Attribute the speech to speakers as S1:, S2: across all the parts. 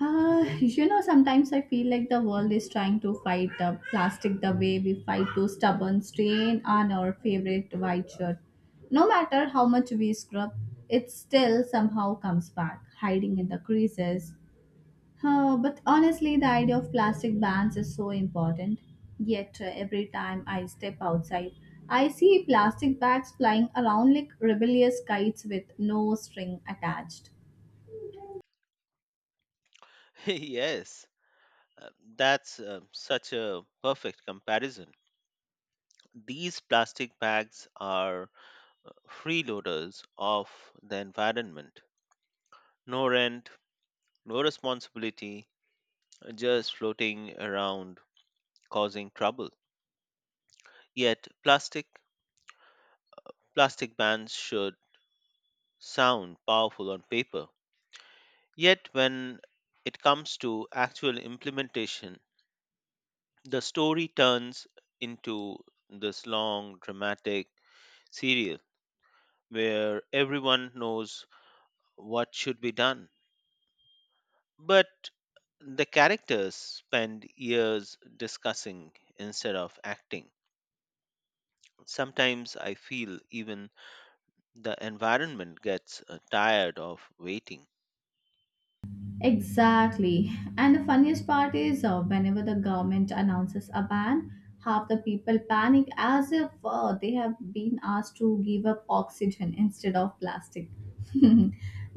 S1: Sometimes I feel like the world is trying to fight the plastic the way we fight to stubborn stain on our favorite white shirt. No matter how much we scrub, it still somehow comes back, hiding in the creases. But honestly, the idea of plastic bans is so important. Yet, every time I step outside, I see plastic bags flying around like rebellious kites with no string attached.
S2: Yes, uh, that's such a perfect comparison. These plastic bags are freeloaders of the environment. No rent, no responsibility, just floating around causing trouble. Yet plastic bans should sound powerful on paper. Yet when it comes to actual implementation, the story turns into this long dramatic serial where everyone knows what should be done. But the characters spend years discussing instead of acting. Sometimes I feel even the environment gets tired of waiting.
S1: Exactly. And the funniest part is whenever the government announces a ban, half the people panic as if they have been asked to give up oxygen instead of plastic.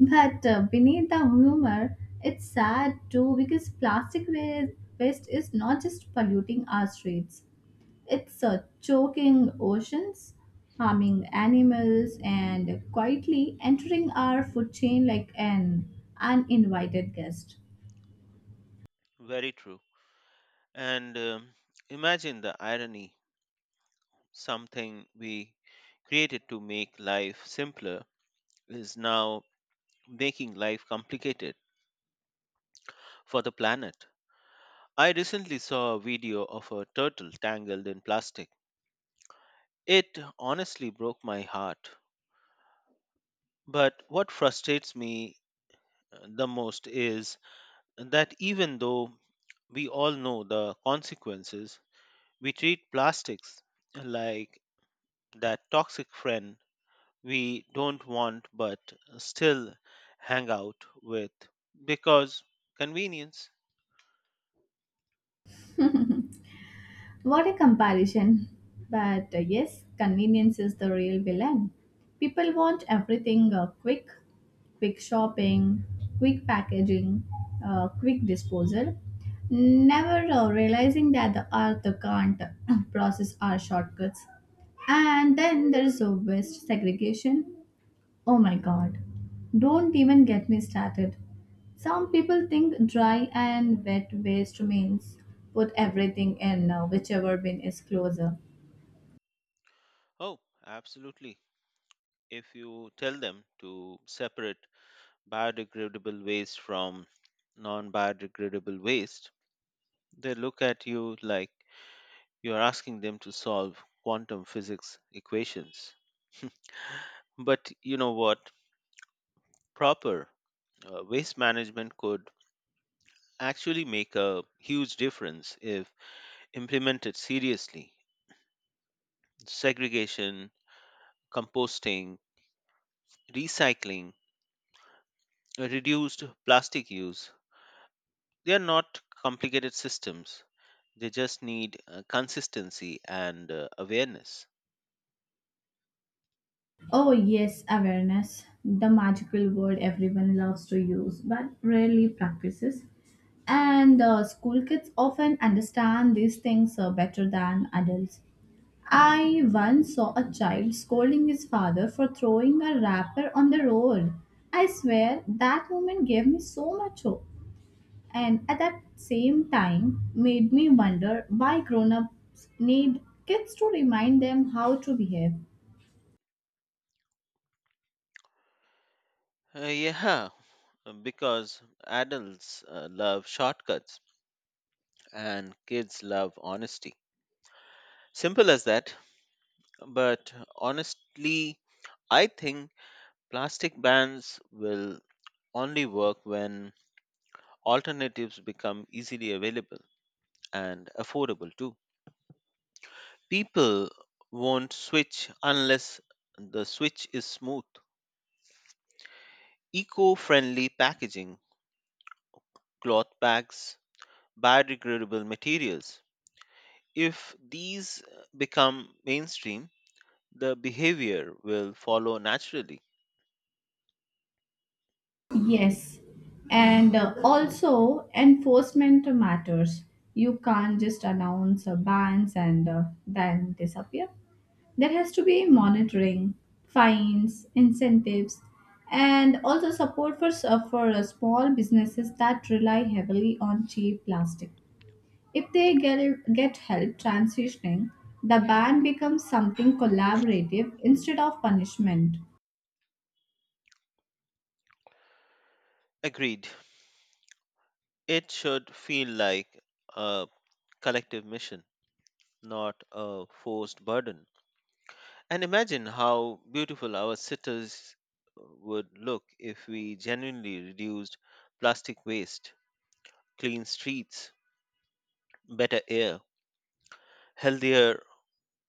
S1: But beneath the humor, it's sad too because waste is not just polluting our streets. It's choking oceans, harming animals, and quietly entering our food chain like an uninvited guest.
S2: Very true. And imagine the irony, something we created to make life simpler is now making life complicated for the planet. I recently saw a video of a turtle tangled in plastic. It honestly broke my heart. But what frustrates me the most is that even though we all know the consequences, we treat plastics like that toxic friend we don't want but still hang out with because convenience.
S1: What a comparison. But yes, convenience is the real villain. People want everything quick, quick shopping, quick packaging, quick disposal, never realizing that the earth can't process our shortcuts. And then there's a waste segregation. Oh my god. Don't even get me started. Some people think dry and wet waste means put everything in whichever bin is closer.
S2: Oh, absolutely. If you tell them to separate biodegradable waste from non biodegradable waste, they look at you like you're asking them to solve quantum physics equations. But you know what? Proper waste management could actually make a huge difference if implemented seriously. Segregation, composting, recycling, reduced plastic use, they are not complicated systems. They just need consistency and awareness.
S1: Oh, yes, awareness, the magical word everyone loves to use but rarely practices. And school kids often understand these things better than adults. I once saw a child scolding his father for throwing a wrapper on the road. I swear that moment gave me so much hope and at that same time made me wonder why grown ups need kids to remind them how to behave.
S2: Yeah, because adults love shortcuts and kids love honesty. Simple as that. But honestly, I think plastic bans will only work when alternatives become easily available and affordable too. People won't switch unless the switch is smooth. Eco friendly packaging, cloth bags, biodegradable materials. If these become mainstream, the behavior will follow naturally.
S1: Yes, and also enforcement matters. You can't just announce bans and then disappear. There has to be monitoring, fines, incentives, and also support for small businesses that rely heavily on cheap plastic. If they get help transitioning, the ban becomes something collaborative instead of punishment.
S2: Agreed. It should feel like a collective mission, not a forced burden. And imagine how beautiful our cities would look if we genuinely reduced plastic waste, clean streets, better air, healthier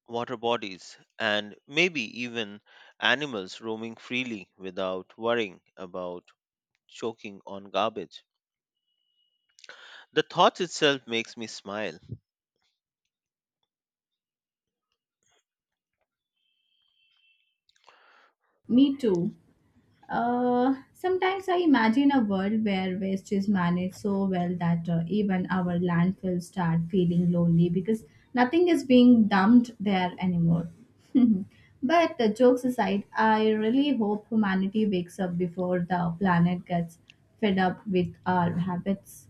S2: water bodies, and maybe even animals roaming freely without worrying about choking on garbage. The thought itself makes me smile.
S1: Me too. Sometimes I imagine a world where waste is managed so well that even our landfills start feeling lonely because nothing is being dumped there anymore. But jokes aside, I really hope humanity wakes up before the planet gets fed up with our habits.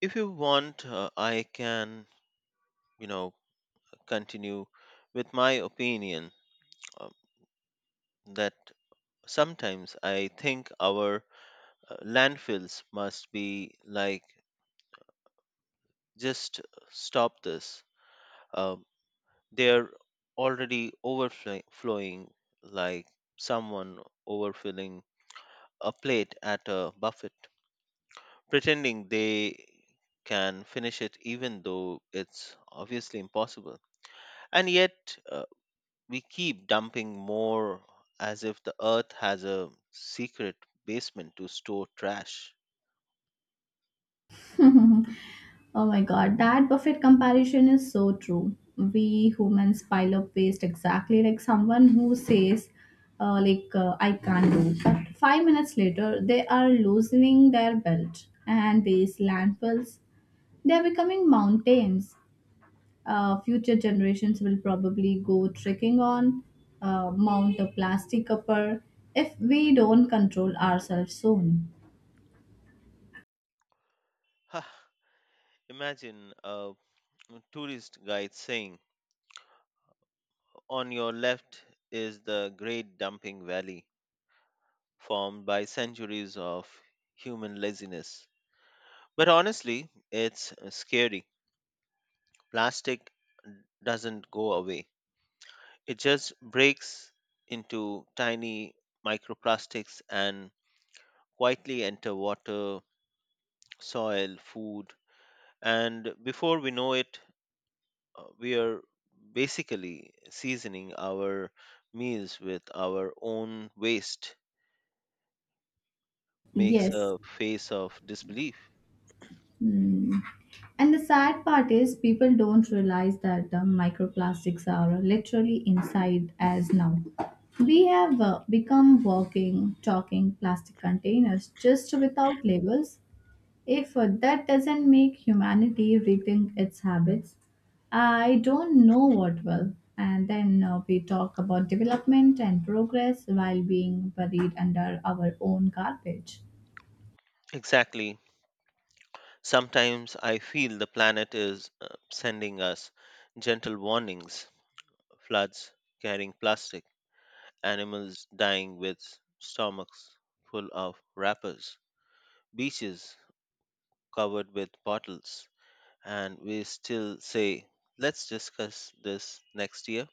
S2: If you want, I can, you know, continue with my opinion uh, that sometimes I think our landfills must be like, just stop this. Uh, they're already overflowing, like someone overfilling a plate at a buffet, pretending they can finish it even though it's obviously impossible. And yet, we keep dumping more as if the earth has a secret basement to store trash.
S1: Oh my god, that buffet comparison is so true. We humans pile up waste exactly like someone who says, I can't do. But 5 minutes later, they are loosening their belt. And these landfills, they are becoming mountains. Future generations will probably go trekking on Mount a Plastic Upper if we don't control ourselves soon.
S2: Huh, imagine a tourist guide saying, on your left is the great dumping valley formed by centuries of human laziness. But honestly, it's scary. Plastic doesn't go away, it just breaks into tiny microplastics and quietly enter water, soil, food, and before we know it, we are basically seasoning our meals with our own waste. Makes
S1: Yes.
S2: a face of disbelief.
S1: Mm. And the sad part is, people don't realize that the microplastics are literally inside As now. We have become walking, talking plastic containers just without labels. If that doesn't make humanity rethink its habits, I don't know what will. And then we talk about development and progress while being buried under our own garbage.
S2: Exactly. Sometimes I feel the planet is sending us gentle warnings, floods carrying plastic, animals dying with stomachs full of wrappers, beaches covered with bottles. And we still say, let's discuss this next year.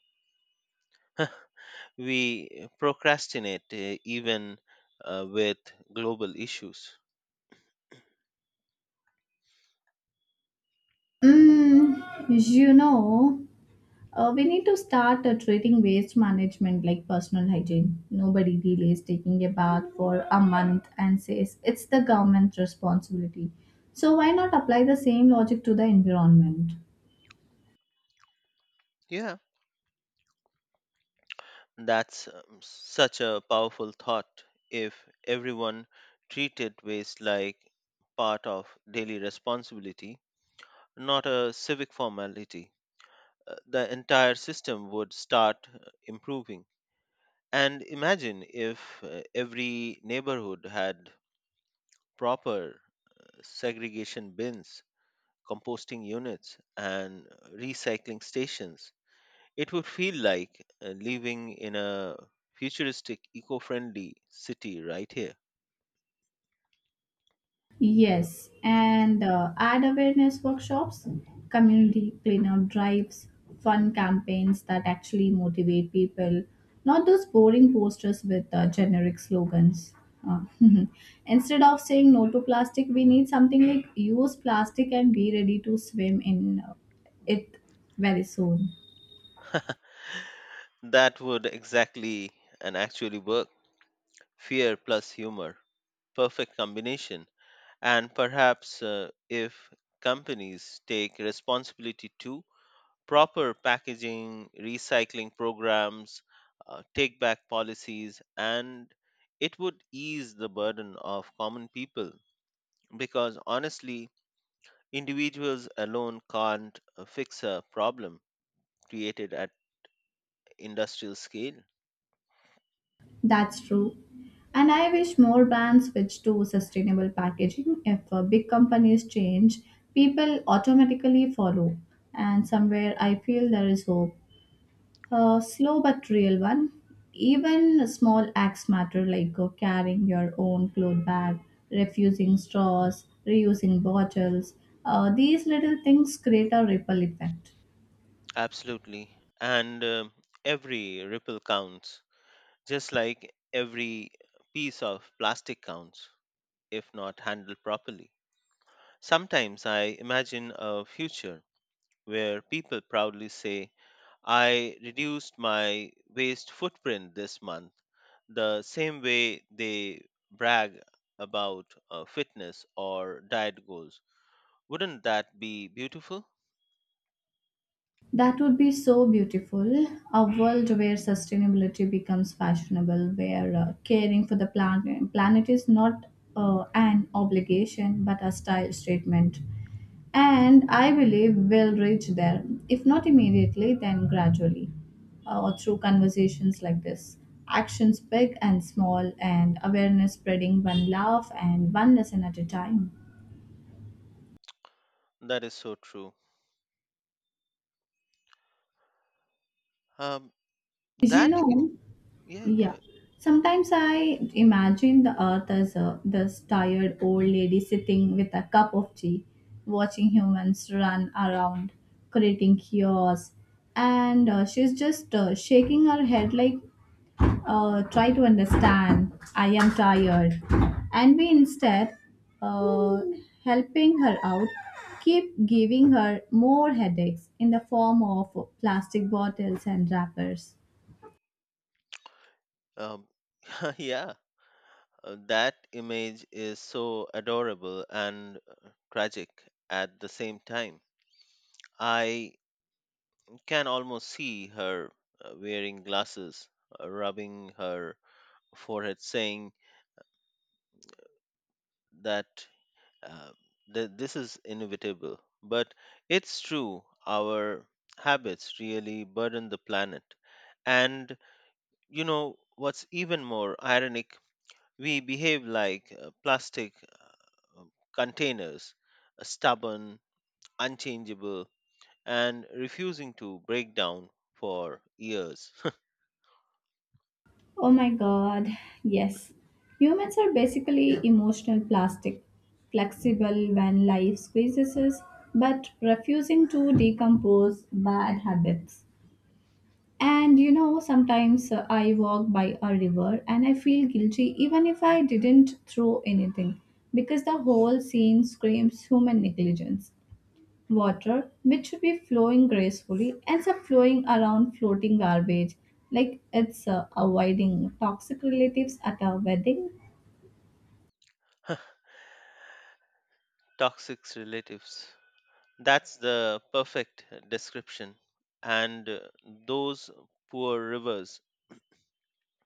S2: We procrastinate even with global issues.
S1: Mm. You know, we need to start treating waste management like personal hygiene. Nobody delays taking a bath for a month and says it's the government's responsibility. So, why not apply the same logic to the environment?
S2: Yeah, that's such a powerful thought. If everyone treated waste like part of daily responsibility, not a civic formality, the entire system would start improving. And imagine if every neighborhood had proper segregation bins, composting units, and recycling stations. It would feel like living in a futuristic, eco friendly city right here.
S1: Yes, and ad awareness workshops, community cleanup drives, fun campaigns that actually motivate people, not those boring posters with generic slogans. Uh, instead of saying no to plastic, we need something like use plastic and be ready to swim in it very soon.
S2: That would exactly and actually work. Fear plus humor. Perfect combination. And perhaps if companies take responsibility too, proper packaging, recycling programs, take back policies, and it would ease the burden of common people, because honestly, individuals alone can't fix a problem created at industrial scale.
S1: That's true. And I wish more brands switch to sustainable packaging. If big companies change, people automatically follow. And somewhere I feel there is hope. A slow but real one. Even small acts matter, like carrying your own cloth bag, refusing straws, reusing bottles. These little things create a ripple effect.
S2: Absolutely. And um, every ripple counts, just like every piece of plastic counts if not handled properly. Sometimes I imagine a future where people proudly say, I reduced my waste footprint this month, the same way they brag about fitness or diet goals. Wouldn't that be beautiful?
S1: That would be so beautiful. A world where sustainability becomes fashionable, where caring for the planet is not an obligation but a style statement. And I believe we'll reach there, if not immediately, then gradually, or through conversations like this. Actions big and small, and awareness spreading one laugh and one lesson at a time.
S2: That is so true. Um,
S1: You
S2: that,
S1: know.
S2: yeah, go
S1: Yeah.
S2: ahead.
S1: Sometimes I imagine the earth as this tired old lady sitting with a cup of tea, watching humans run around, creating chaos. And she's just shaking her head like, try to understand, I am tired. And we instead, uh, helping her out, keep giving her more headaches in the form of plastic bottles and wrappers.
S2: Um, yeah, that image is so adorable and tragic at the same time. I can almost see her wearing glasses, rubbing her forehead, saying that uh, this is inevitable. But it's true, our habits really burden the planet. And you know what's even more ironic? We behave like plastic uh, containers, stubborn, unchangeable, and refusing to break down for years.
S1: Oh my god, yes. Humans are basically emotional plastic, flexible when life squeezes us, but refusing to decompose bad habits. And you know, sometimes I walk by a river and I feel guilty even if I didn't throw anything because the whole scene screams human negligence. Water which should be flowing gracefully ends up flowing around floating garbage like it's avoiding toxic relatives at a wedding.
S2: Toxic relatives. That's the perfect description. And those poor rivers,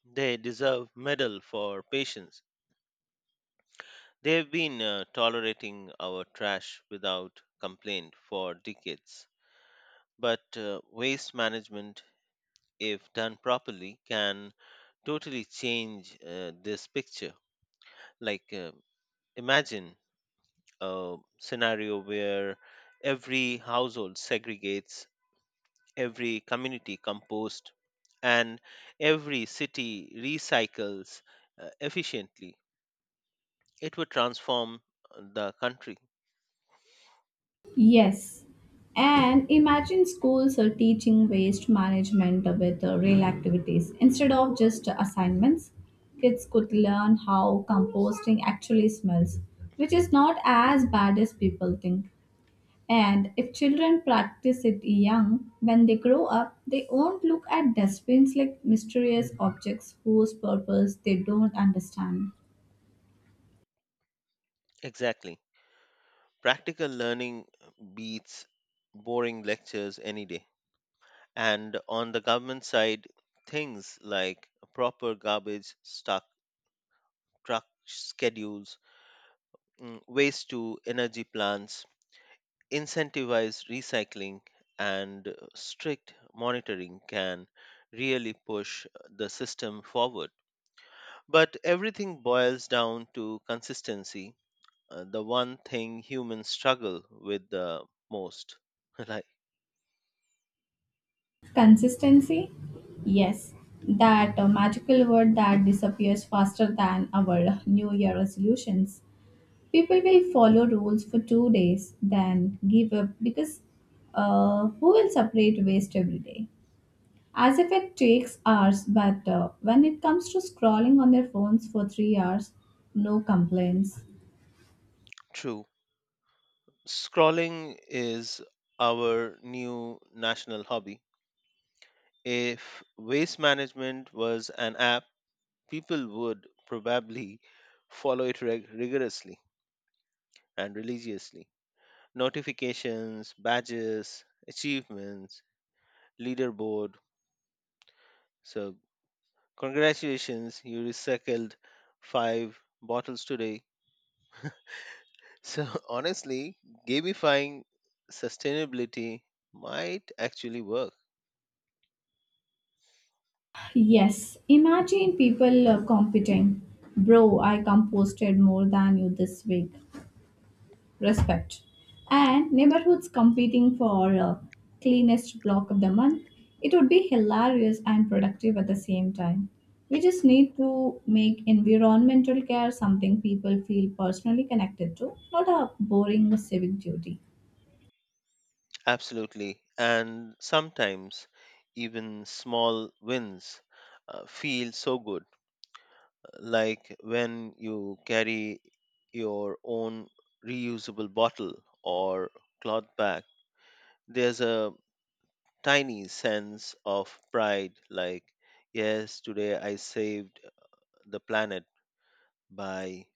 S2: they deserve medal for patience. They've been tolerating our trash without complaint for decades. But waste management, if done properly, can totally change this picture. Like, imagine a scenario where every household segregates, every community compost, and every city recycles efficiently, it would transform the country.
S1: Yes, and imagine schools are teaching waste management with real activities instead of just assignments. Kids could learn how composting actually smells, which is not as bad as people think. And if children practice it young, when they grow up, they won't look at dustbins like mysterious objects whose purpose they don't understand.
S2: Exactly. Practical learning beats boring lectures any day. And on the government side, things like proper garbage stock, truck schedules, mm, waste to energy plants, incentivized recycling and strict monitoring can really push the system forward. But everything boils down to consistency, the one thing humans struggle with the most. Like,
S1: Consistency? Yes, that magical word that disappears faster than our New Year resolutions. People will follow rules for 2 days, then give up because who will separate waste every day? As if it takes hours, but when it comes to scrolling on their phones for 3 hours, no complaints.
S2: true. Scrolling is our new national hobby. If waste management was an app, people would probably follow it rigorously and religiously, notifications, badges, achievements, leaderboard. So, congratulations, you recycled five bottles today. So, honestly, gamifying sustainability might actually work.
S1: Yes, imagine people competing. Bro, I composted more than you this week. Respect. And neighborhoods competing for cleanest block of the month. It would be hilarious and productive at the same time. We just need to make environmental care something people feel personally connected to, not a boring civic duty.
S2: Absolutely. And sometimes even small wins feel so good, like when you carry your own reusable bottle or cloth bag. There's a tiny sense of pride like, yes, today I saved the planet by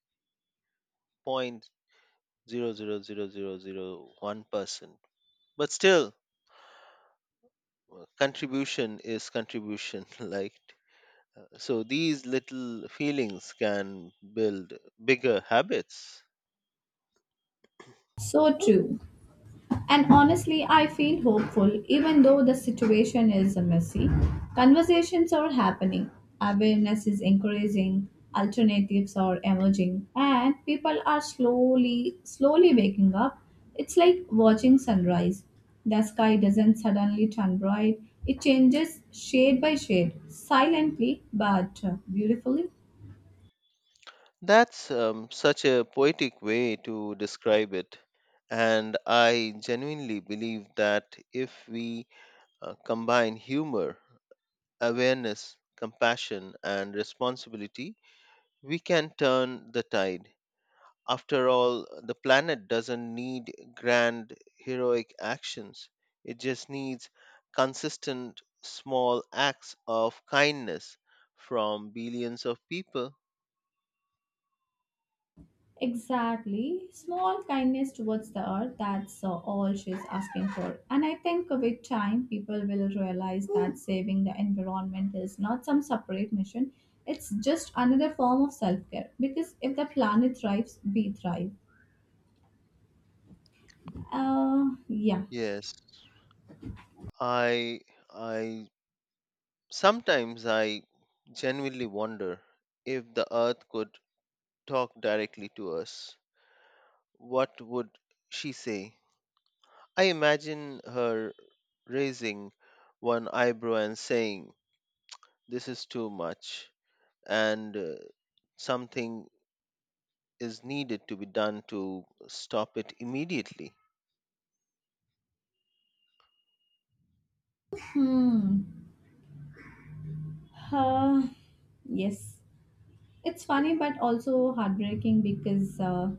S2: 0.00001%. But still, contribution is contribution. Like, so these little feelings can build bigger habits.
S1: So true. And honestly, I feel hopeful even though the situation is messy. Conversations are happening, awareness is increasing, alternatives are emerging, and people are slowly, slowly waking up. It's like watching sunrise. The sky doesn't suddenly turn bright, it changes shade by shade, silently but beautifully.
S2: That's such a poetic way to describe it. And I genuinely believe that if we combine humor, awareness, compassion, and responsibility, we can turn the tide. After all, the planet doesn't need grand, heroic actions, it just needs consistent, small acts of kindness from billions of people.
S1: Exactly. Small kindness towards the earth, that's all she's asking for. And I think with time, people will realize that saving the environment is not some separate mission, it's just another form of self care. Because if the planet thrives, we thrive. Yeah.
S2: Yes, I, I sometimes I genuinely wonder if the earth could talk directly to us, what would she say? I imagine her raising one eyebrow and saying, this is too much, and something is needed to be done to stop it immediately.
S1: Hmm. Uh, yes. It's funny, but also heartbreaking because uh,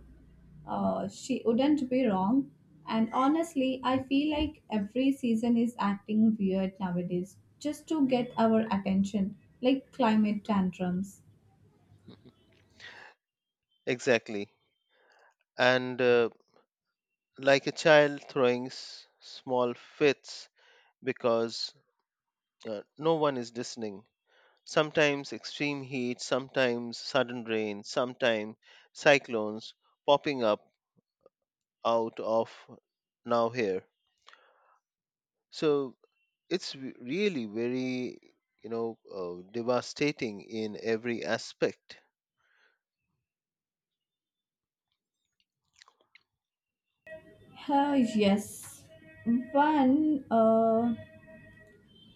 S1: uh, she wouldn't be wrong. And honestly, I feel like every season is acting weird nowadays just to get our attention, like climate tantrums.
S2: Exactly. And like a child throwing small fits because no one is listening. Sometimes extreme heat, sometimes sudden rain, sometimes cyclones popping up out of now here. So it's really very, you know, devastating in every aspect.
S1: Yes, one uh,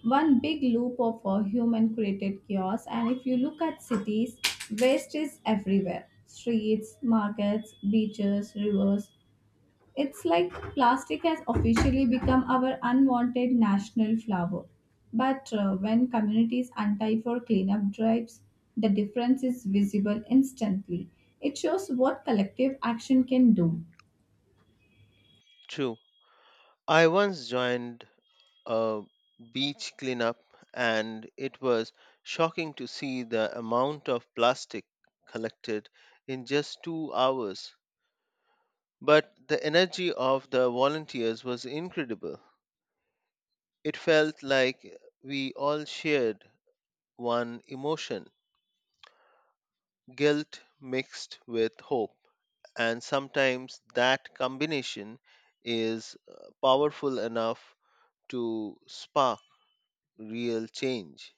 S1: one big loop of human created chaos. And if you look at cities, waste is everywhere: streets, markets, beaches, rivers. It's like plastic has officially become our unwanted national flower. But when communities untie for cleanup drives, the difference is visible instantly. It shows what collective action can do.
S2: True. I once joined a beach cleanup and it was shocking to see the amount of plastic collected in just 2 hours, but the energy of the volunteers was incredible. It felt like we all shared one emotion, guilt mixed with hope, and sometimes that combination is powerful enough to spark real change.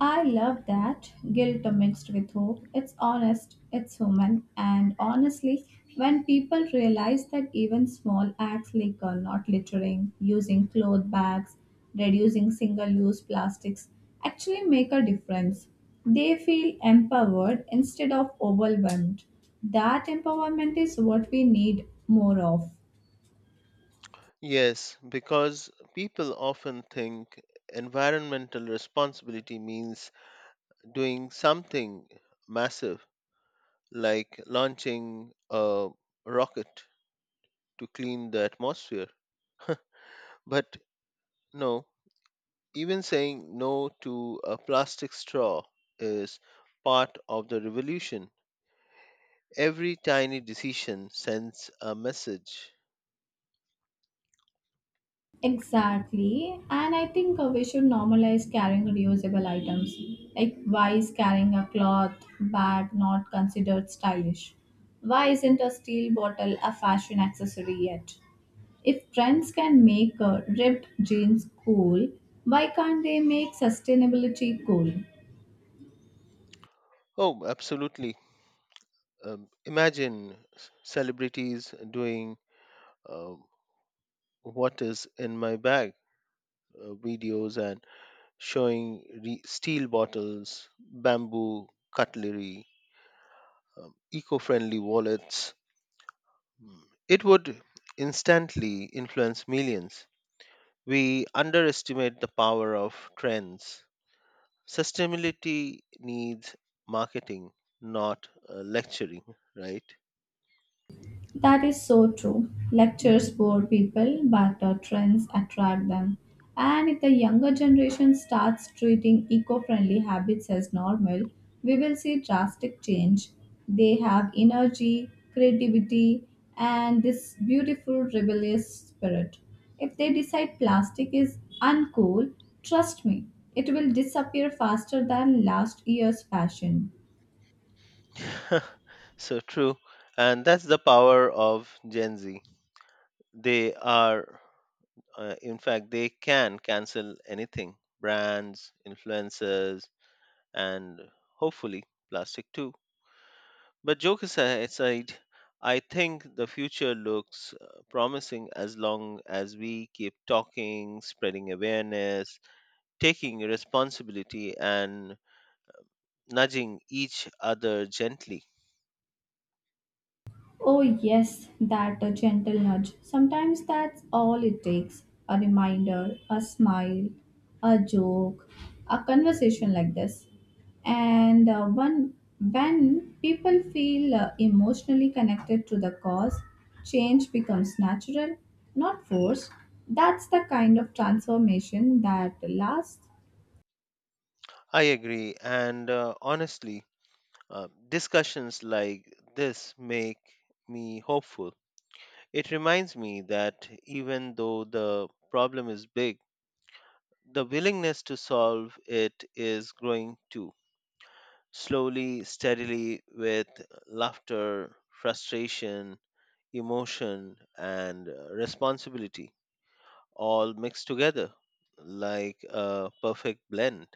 S1: I love that. Guilt mixed with hope. It's honest, it's human, and honestly, when people realize that even small acts like not littering, using cloth bags, reducing single use plastics actually make a difference, they feel empowered instead of overwhelmed. That empowerment is what we need more of.
S2: Yes, because people often think environmental responsibility means doing something massive, like launching a rocket to clean the atmosphere. But no, even saying no to a plastic straw is part of the revolution. Every tiny decision sends a message.
S1: Exactly. And I think we should normalize carrying reusable items. Like, why is carrying a cloth bag not considered stylish? Why isn't a steel bottle a fashion accessory yet? If trends can make ripped jeans cool, why can't they make sustainability cool?
S2: Oh, absolutely. Imagine celebrities doing uh, what is in my bag videos and showing steel bottles, bamboo cutlery, eco friendly wallets. Mm. It would instantly influence millions. We underestimate the power of trends. Sustainability needs marketing, not lecturing, right?
S1: That is so true. Lectures bore people, but trends attract them. And if the younger generation starts treating eco friendly habits as normal, we will see drastic change. They have energy, creativity, and this beautiful rebellious spirit. If they decide plastic is uncool, trust me, it will disappear faster than last year's fashion.
S2: So true. And that's the power of Gen Z. They are, in fact, they can cancel anything, brands, influencers, and hopefully plastic too. But aside, I think the future looks promising as long as we keep talking, spreading awareness, taking responsibility, and nudging each other gently.
S1: Oh, yes, that a gentle nudge. Sometimes that's all it takes a reminder, a smile, a joke, a conversation like this. And when people feel emotionally connected to the cause, change becomes natural, not forced. That's the kind of transformation that lasts.
S2: I agree, and honestly, discussions like this make me hopeful. It reminds me that even though the problem is big, the willingness to solve it is growing too, slowly, steadily, with laughter, frustration, emotion, and responsibility all mixed together like a perfect blend.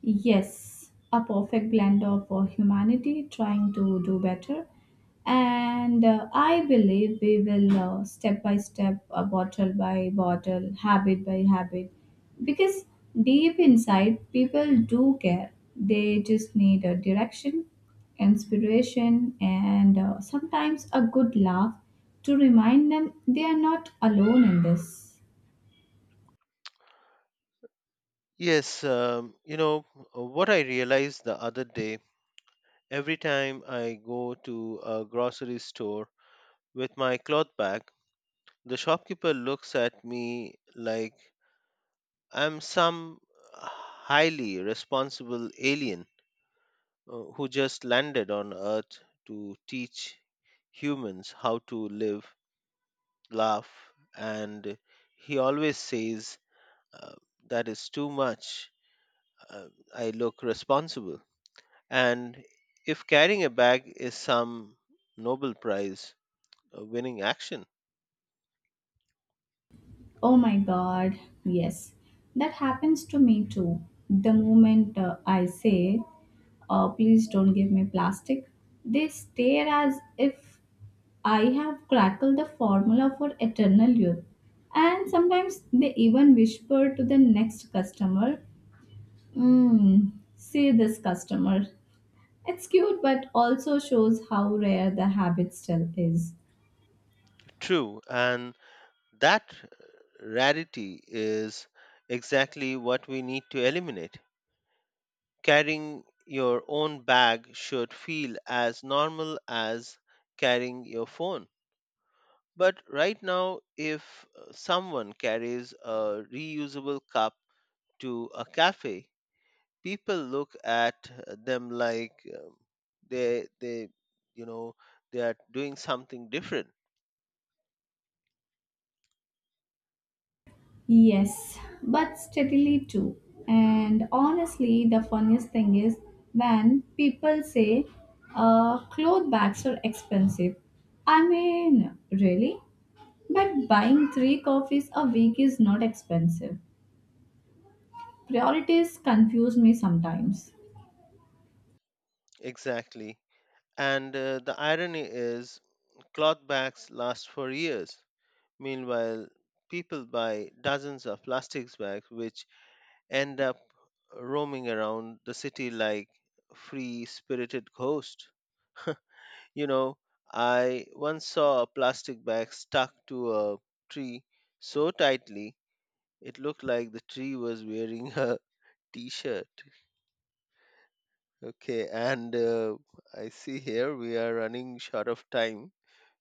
S1: Yes, a perfect blend of humanity trying to do better. And I believe we will step by step, bottle by bottle, habit by habit. Because deep inside, people do care. They just need a direction, inspiration, and sometimes a good laugh to remind them they are not alone in this.
S2: Yes, you know, what I realized the other day, every time I go to a grocery store with my cloth bag, the shopkeeper looks at me like I'm some highly responsible alien who just landed on Earth to teach humans how to live, laugh, and he always says uh, that is too much. Uh, I look responsible. And if carrying a bag is some Nobel Prize winning action,
S1: Oh my God, yes. That happens to me too. The moment I say, please don't give me plastic, they stare as if I have crackled the formula for eternal youth. And sometimes they even whisper to the next customer, mm, see this customer. It's cute, but also shows how rare the habit still is.
S2: true, and that rarity is exactly what we need to eliminate. Carrying your own bag should feel as normal as carrying your phone. But right now, if someone carries a reusable cup to a cafe, people look at them like um, they you know, they are doing something different.
S1: Yes, but steadily too. And honestly, the funniest thing is when people say cloth bags are expensive. I mean, really? But buying 3 coffees a week is not expensive. Priorities confuse me sometimes.
S2: Exactly, and the irony is cloth bags last for years. Meanwhile, people buy dozens of plastics bags which end up roaming around the city like free spirited ghosts. You know, I once saw a plastic bag stuck to a tree so tightly, it looked like the tree was wearing a t shirt. Okay, and I see here we are running short of time,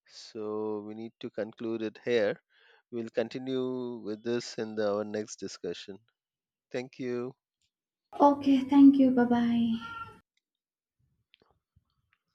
S2: so we need to conclude it here. We'll continue with this in the, our next discussion. Thank you.
S1: Okay, thank you. Bye bye.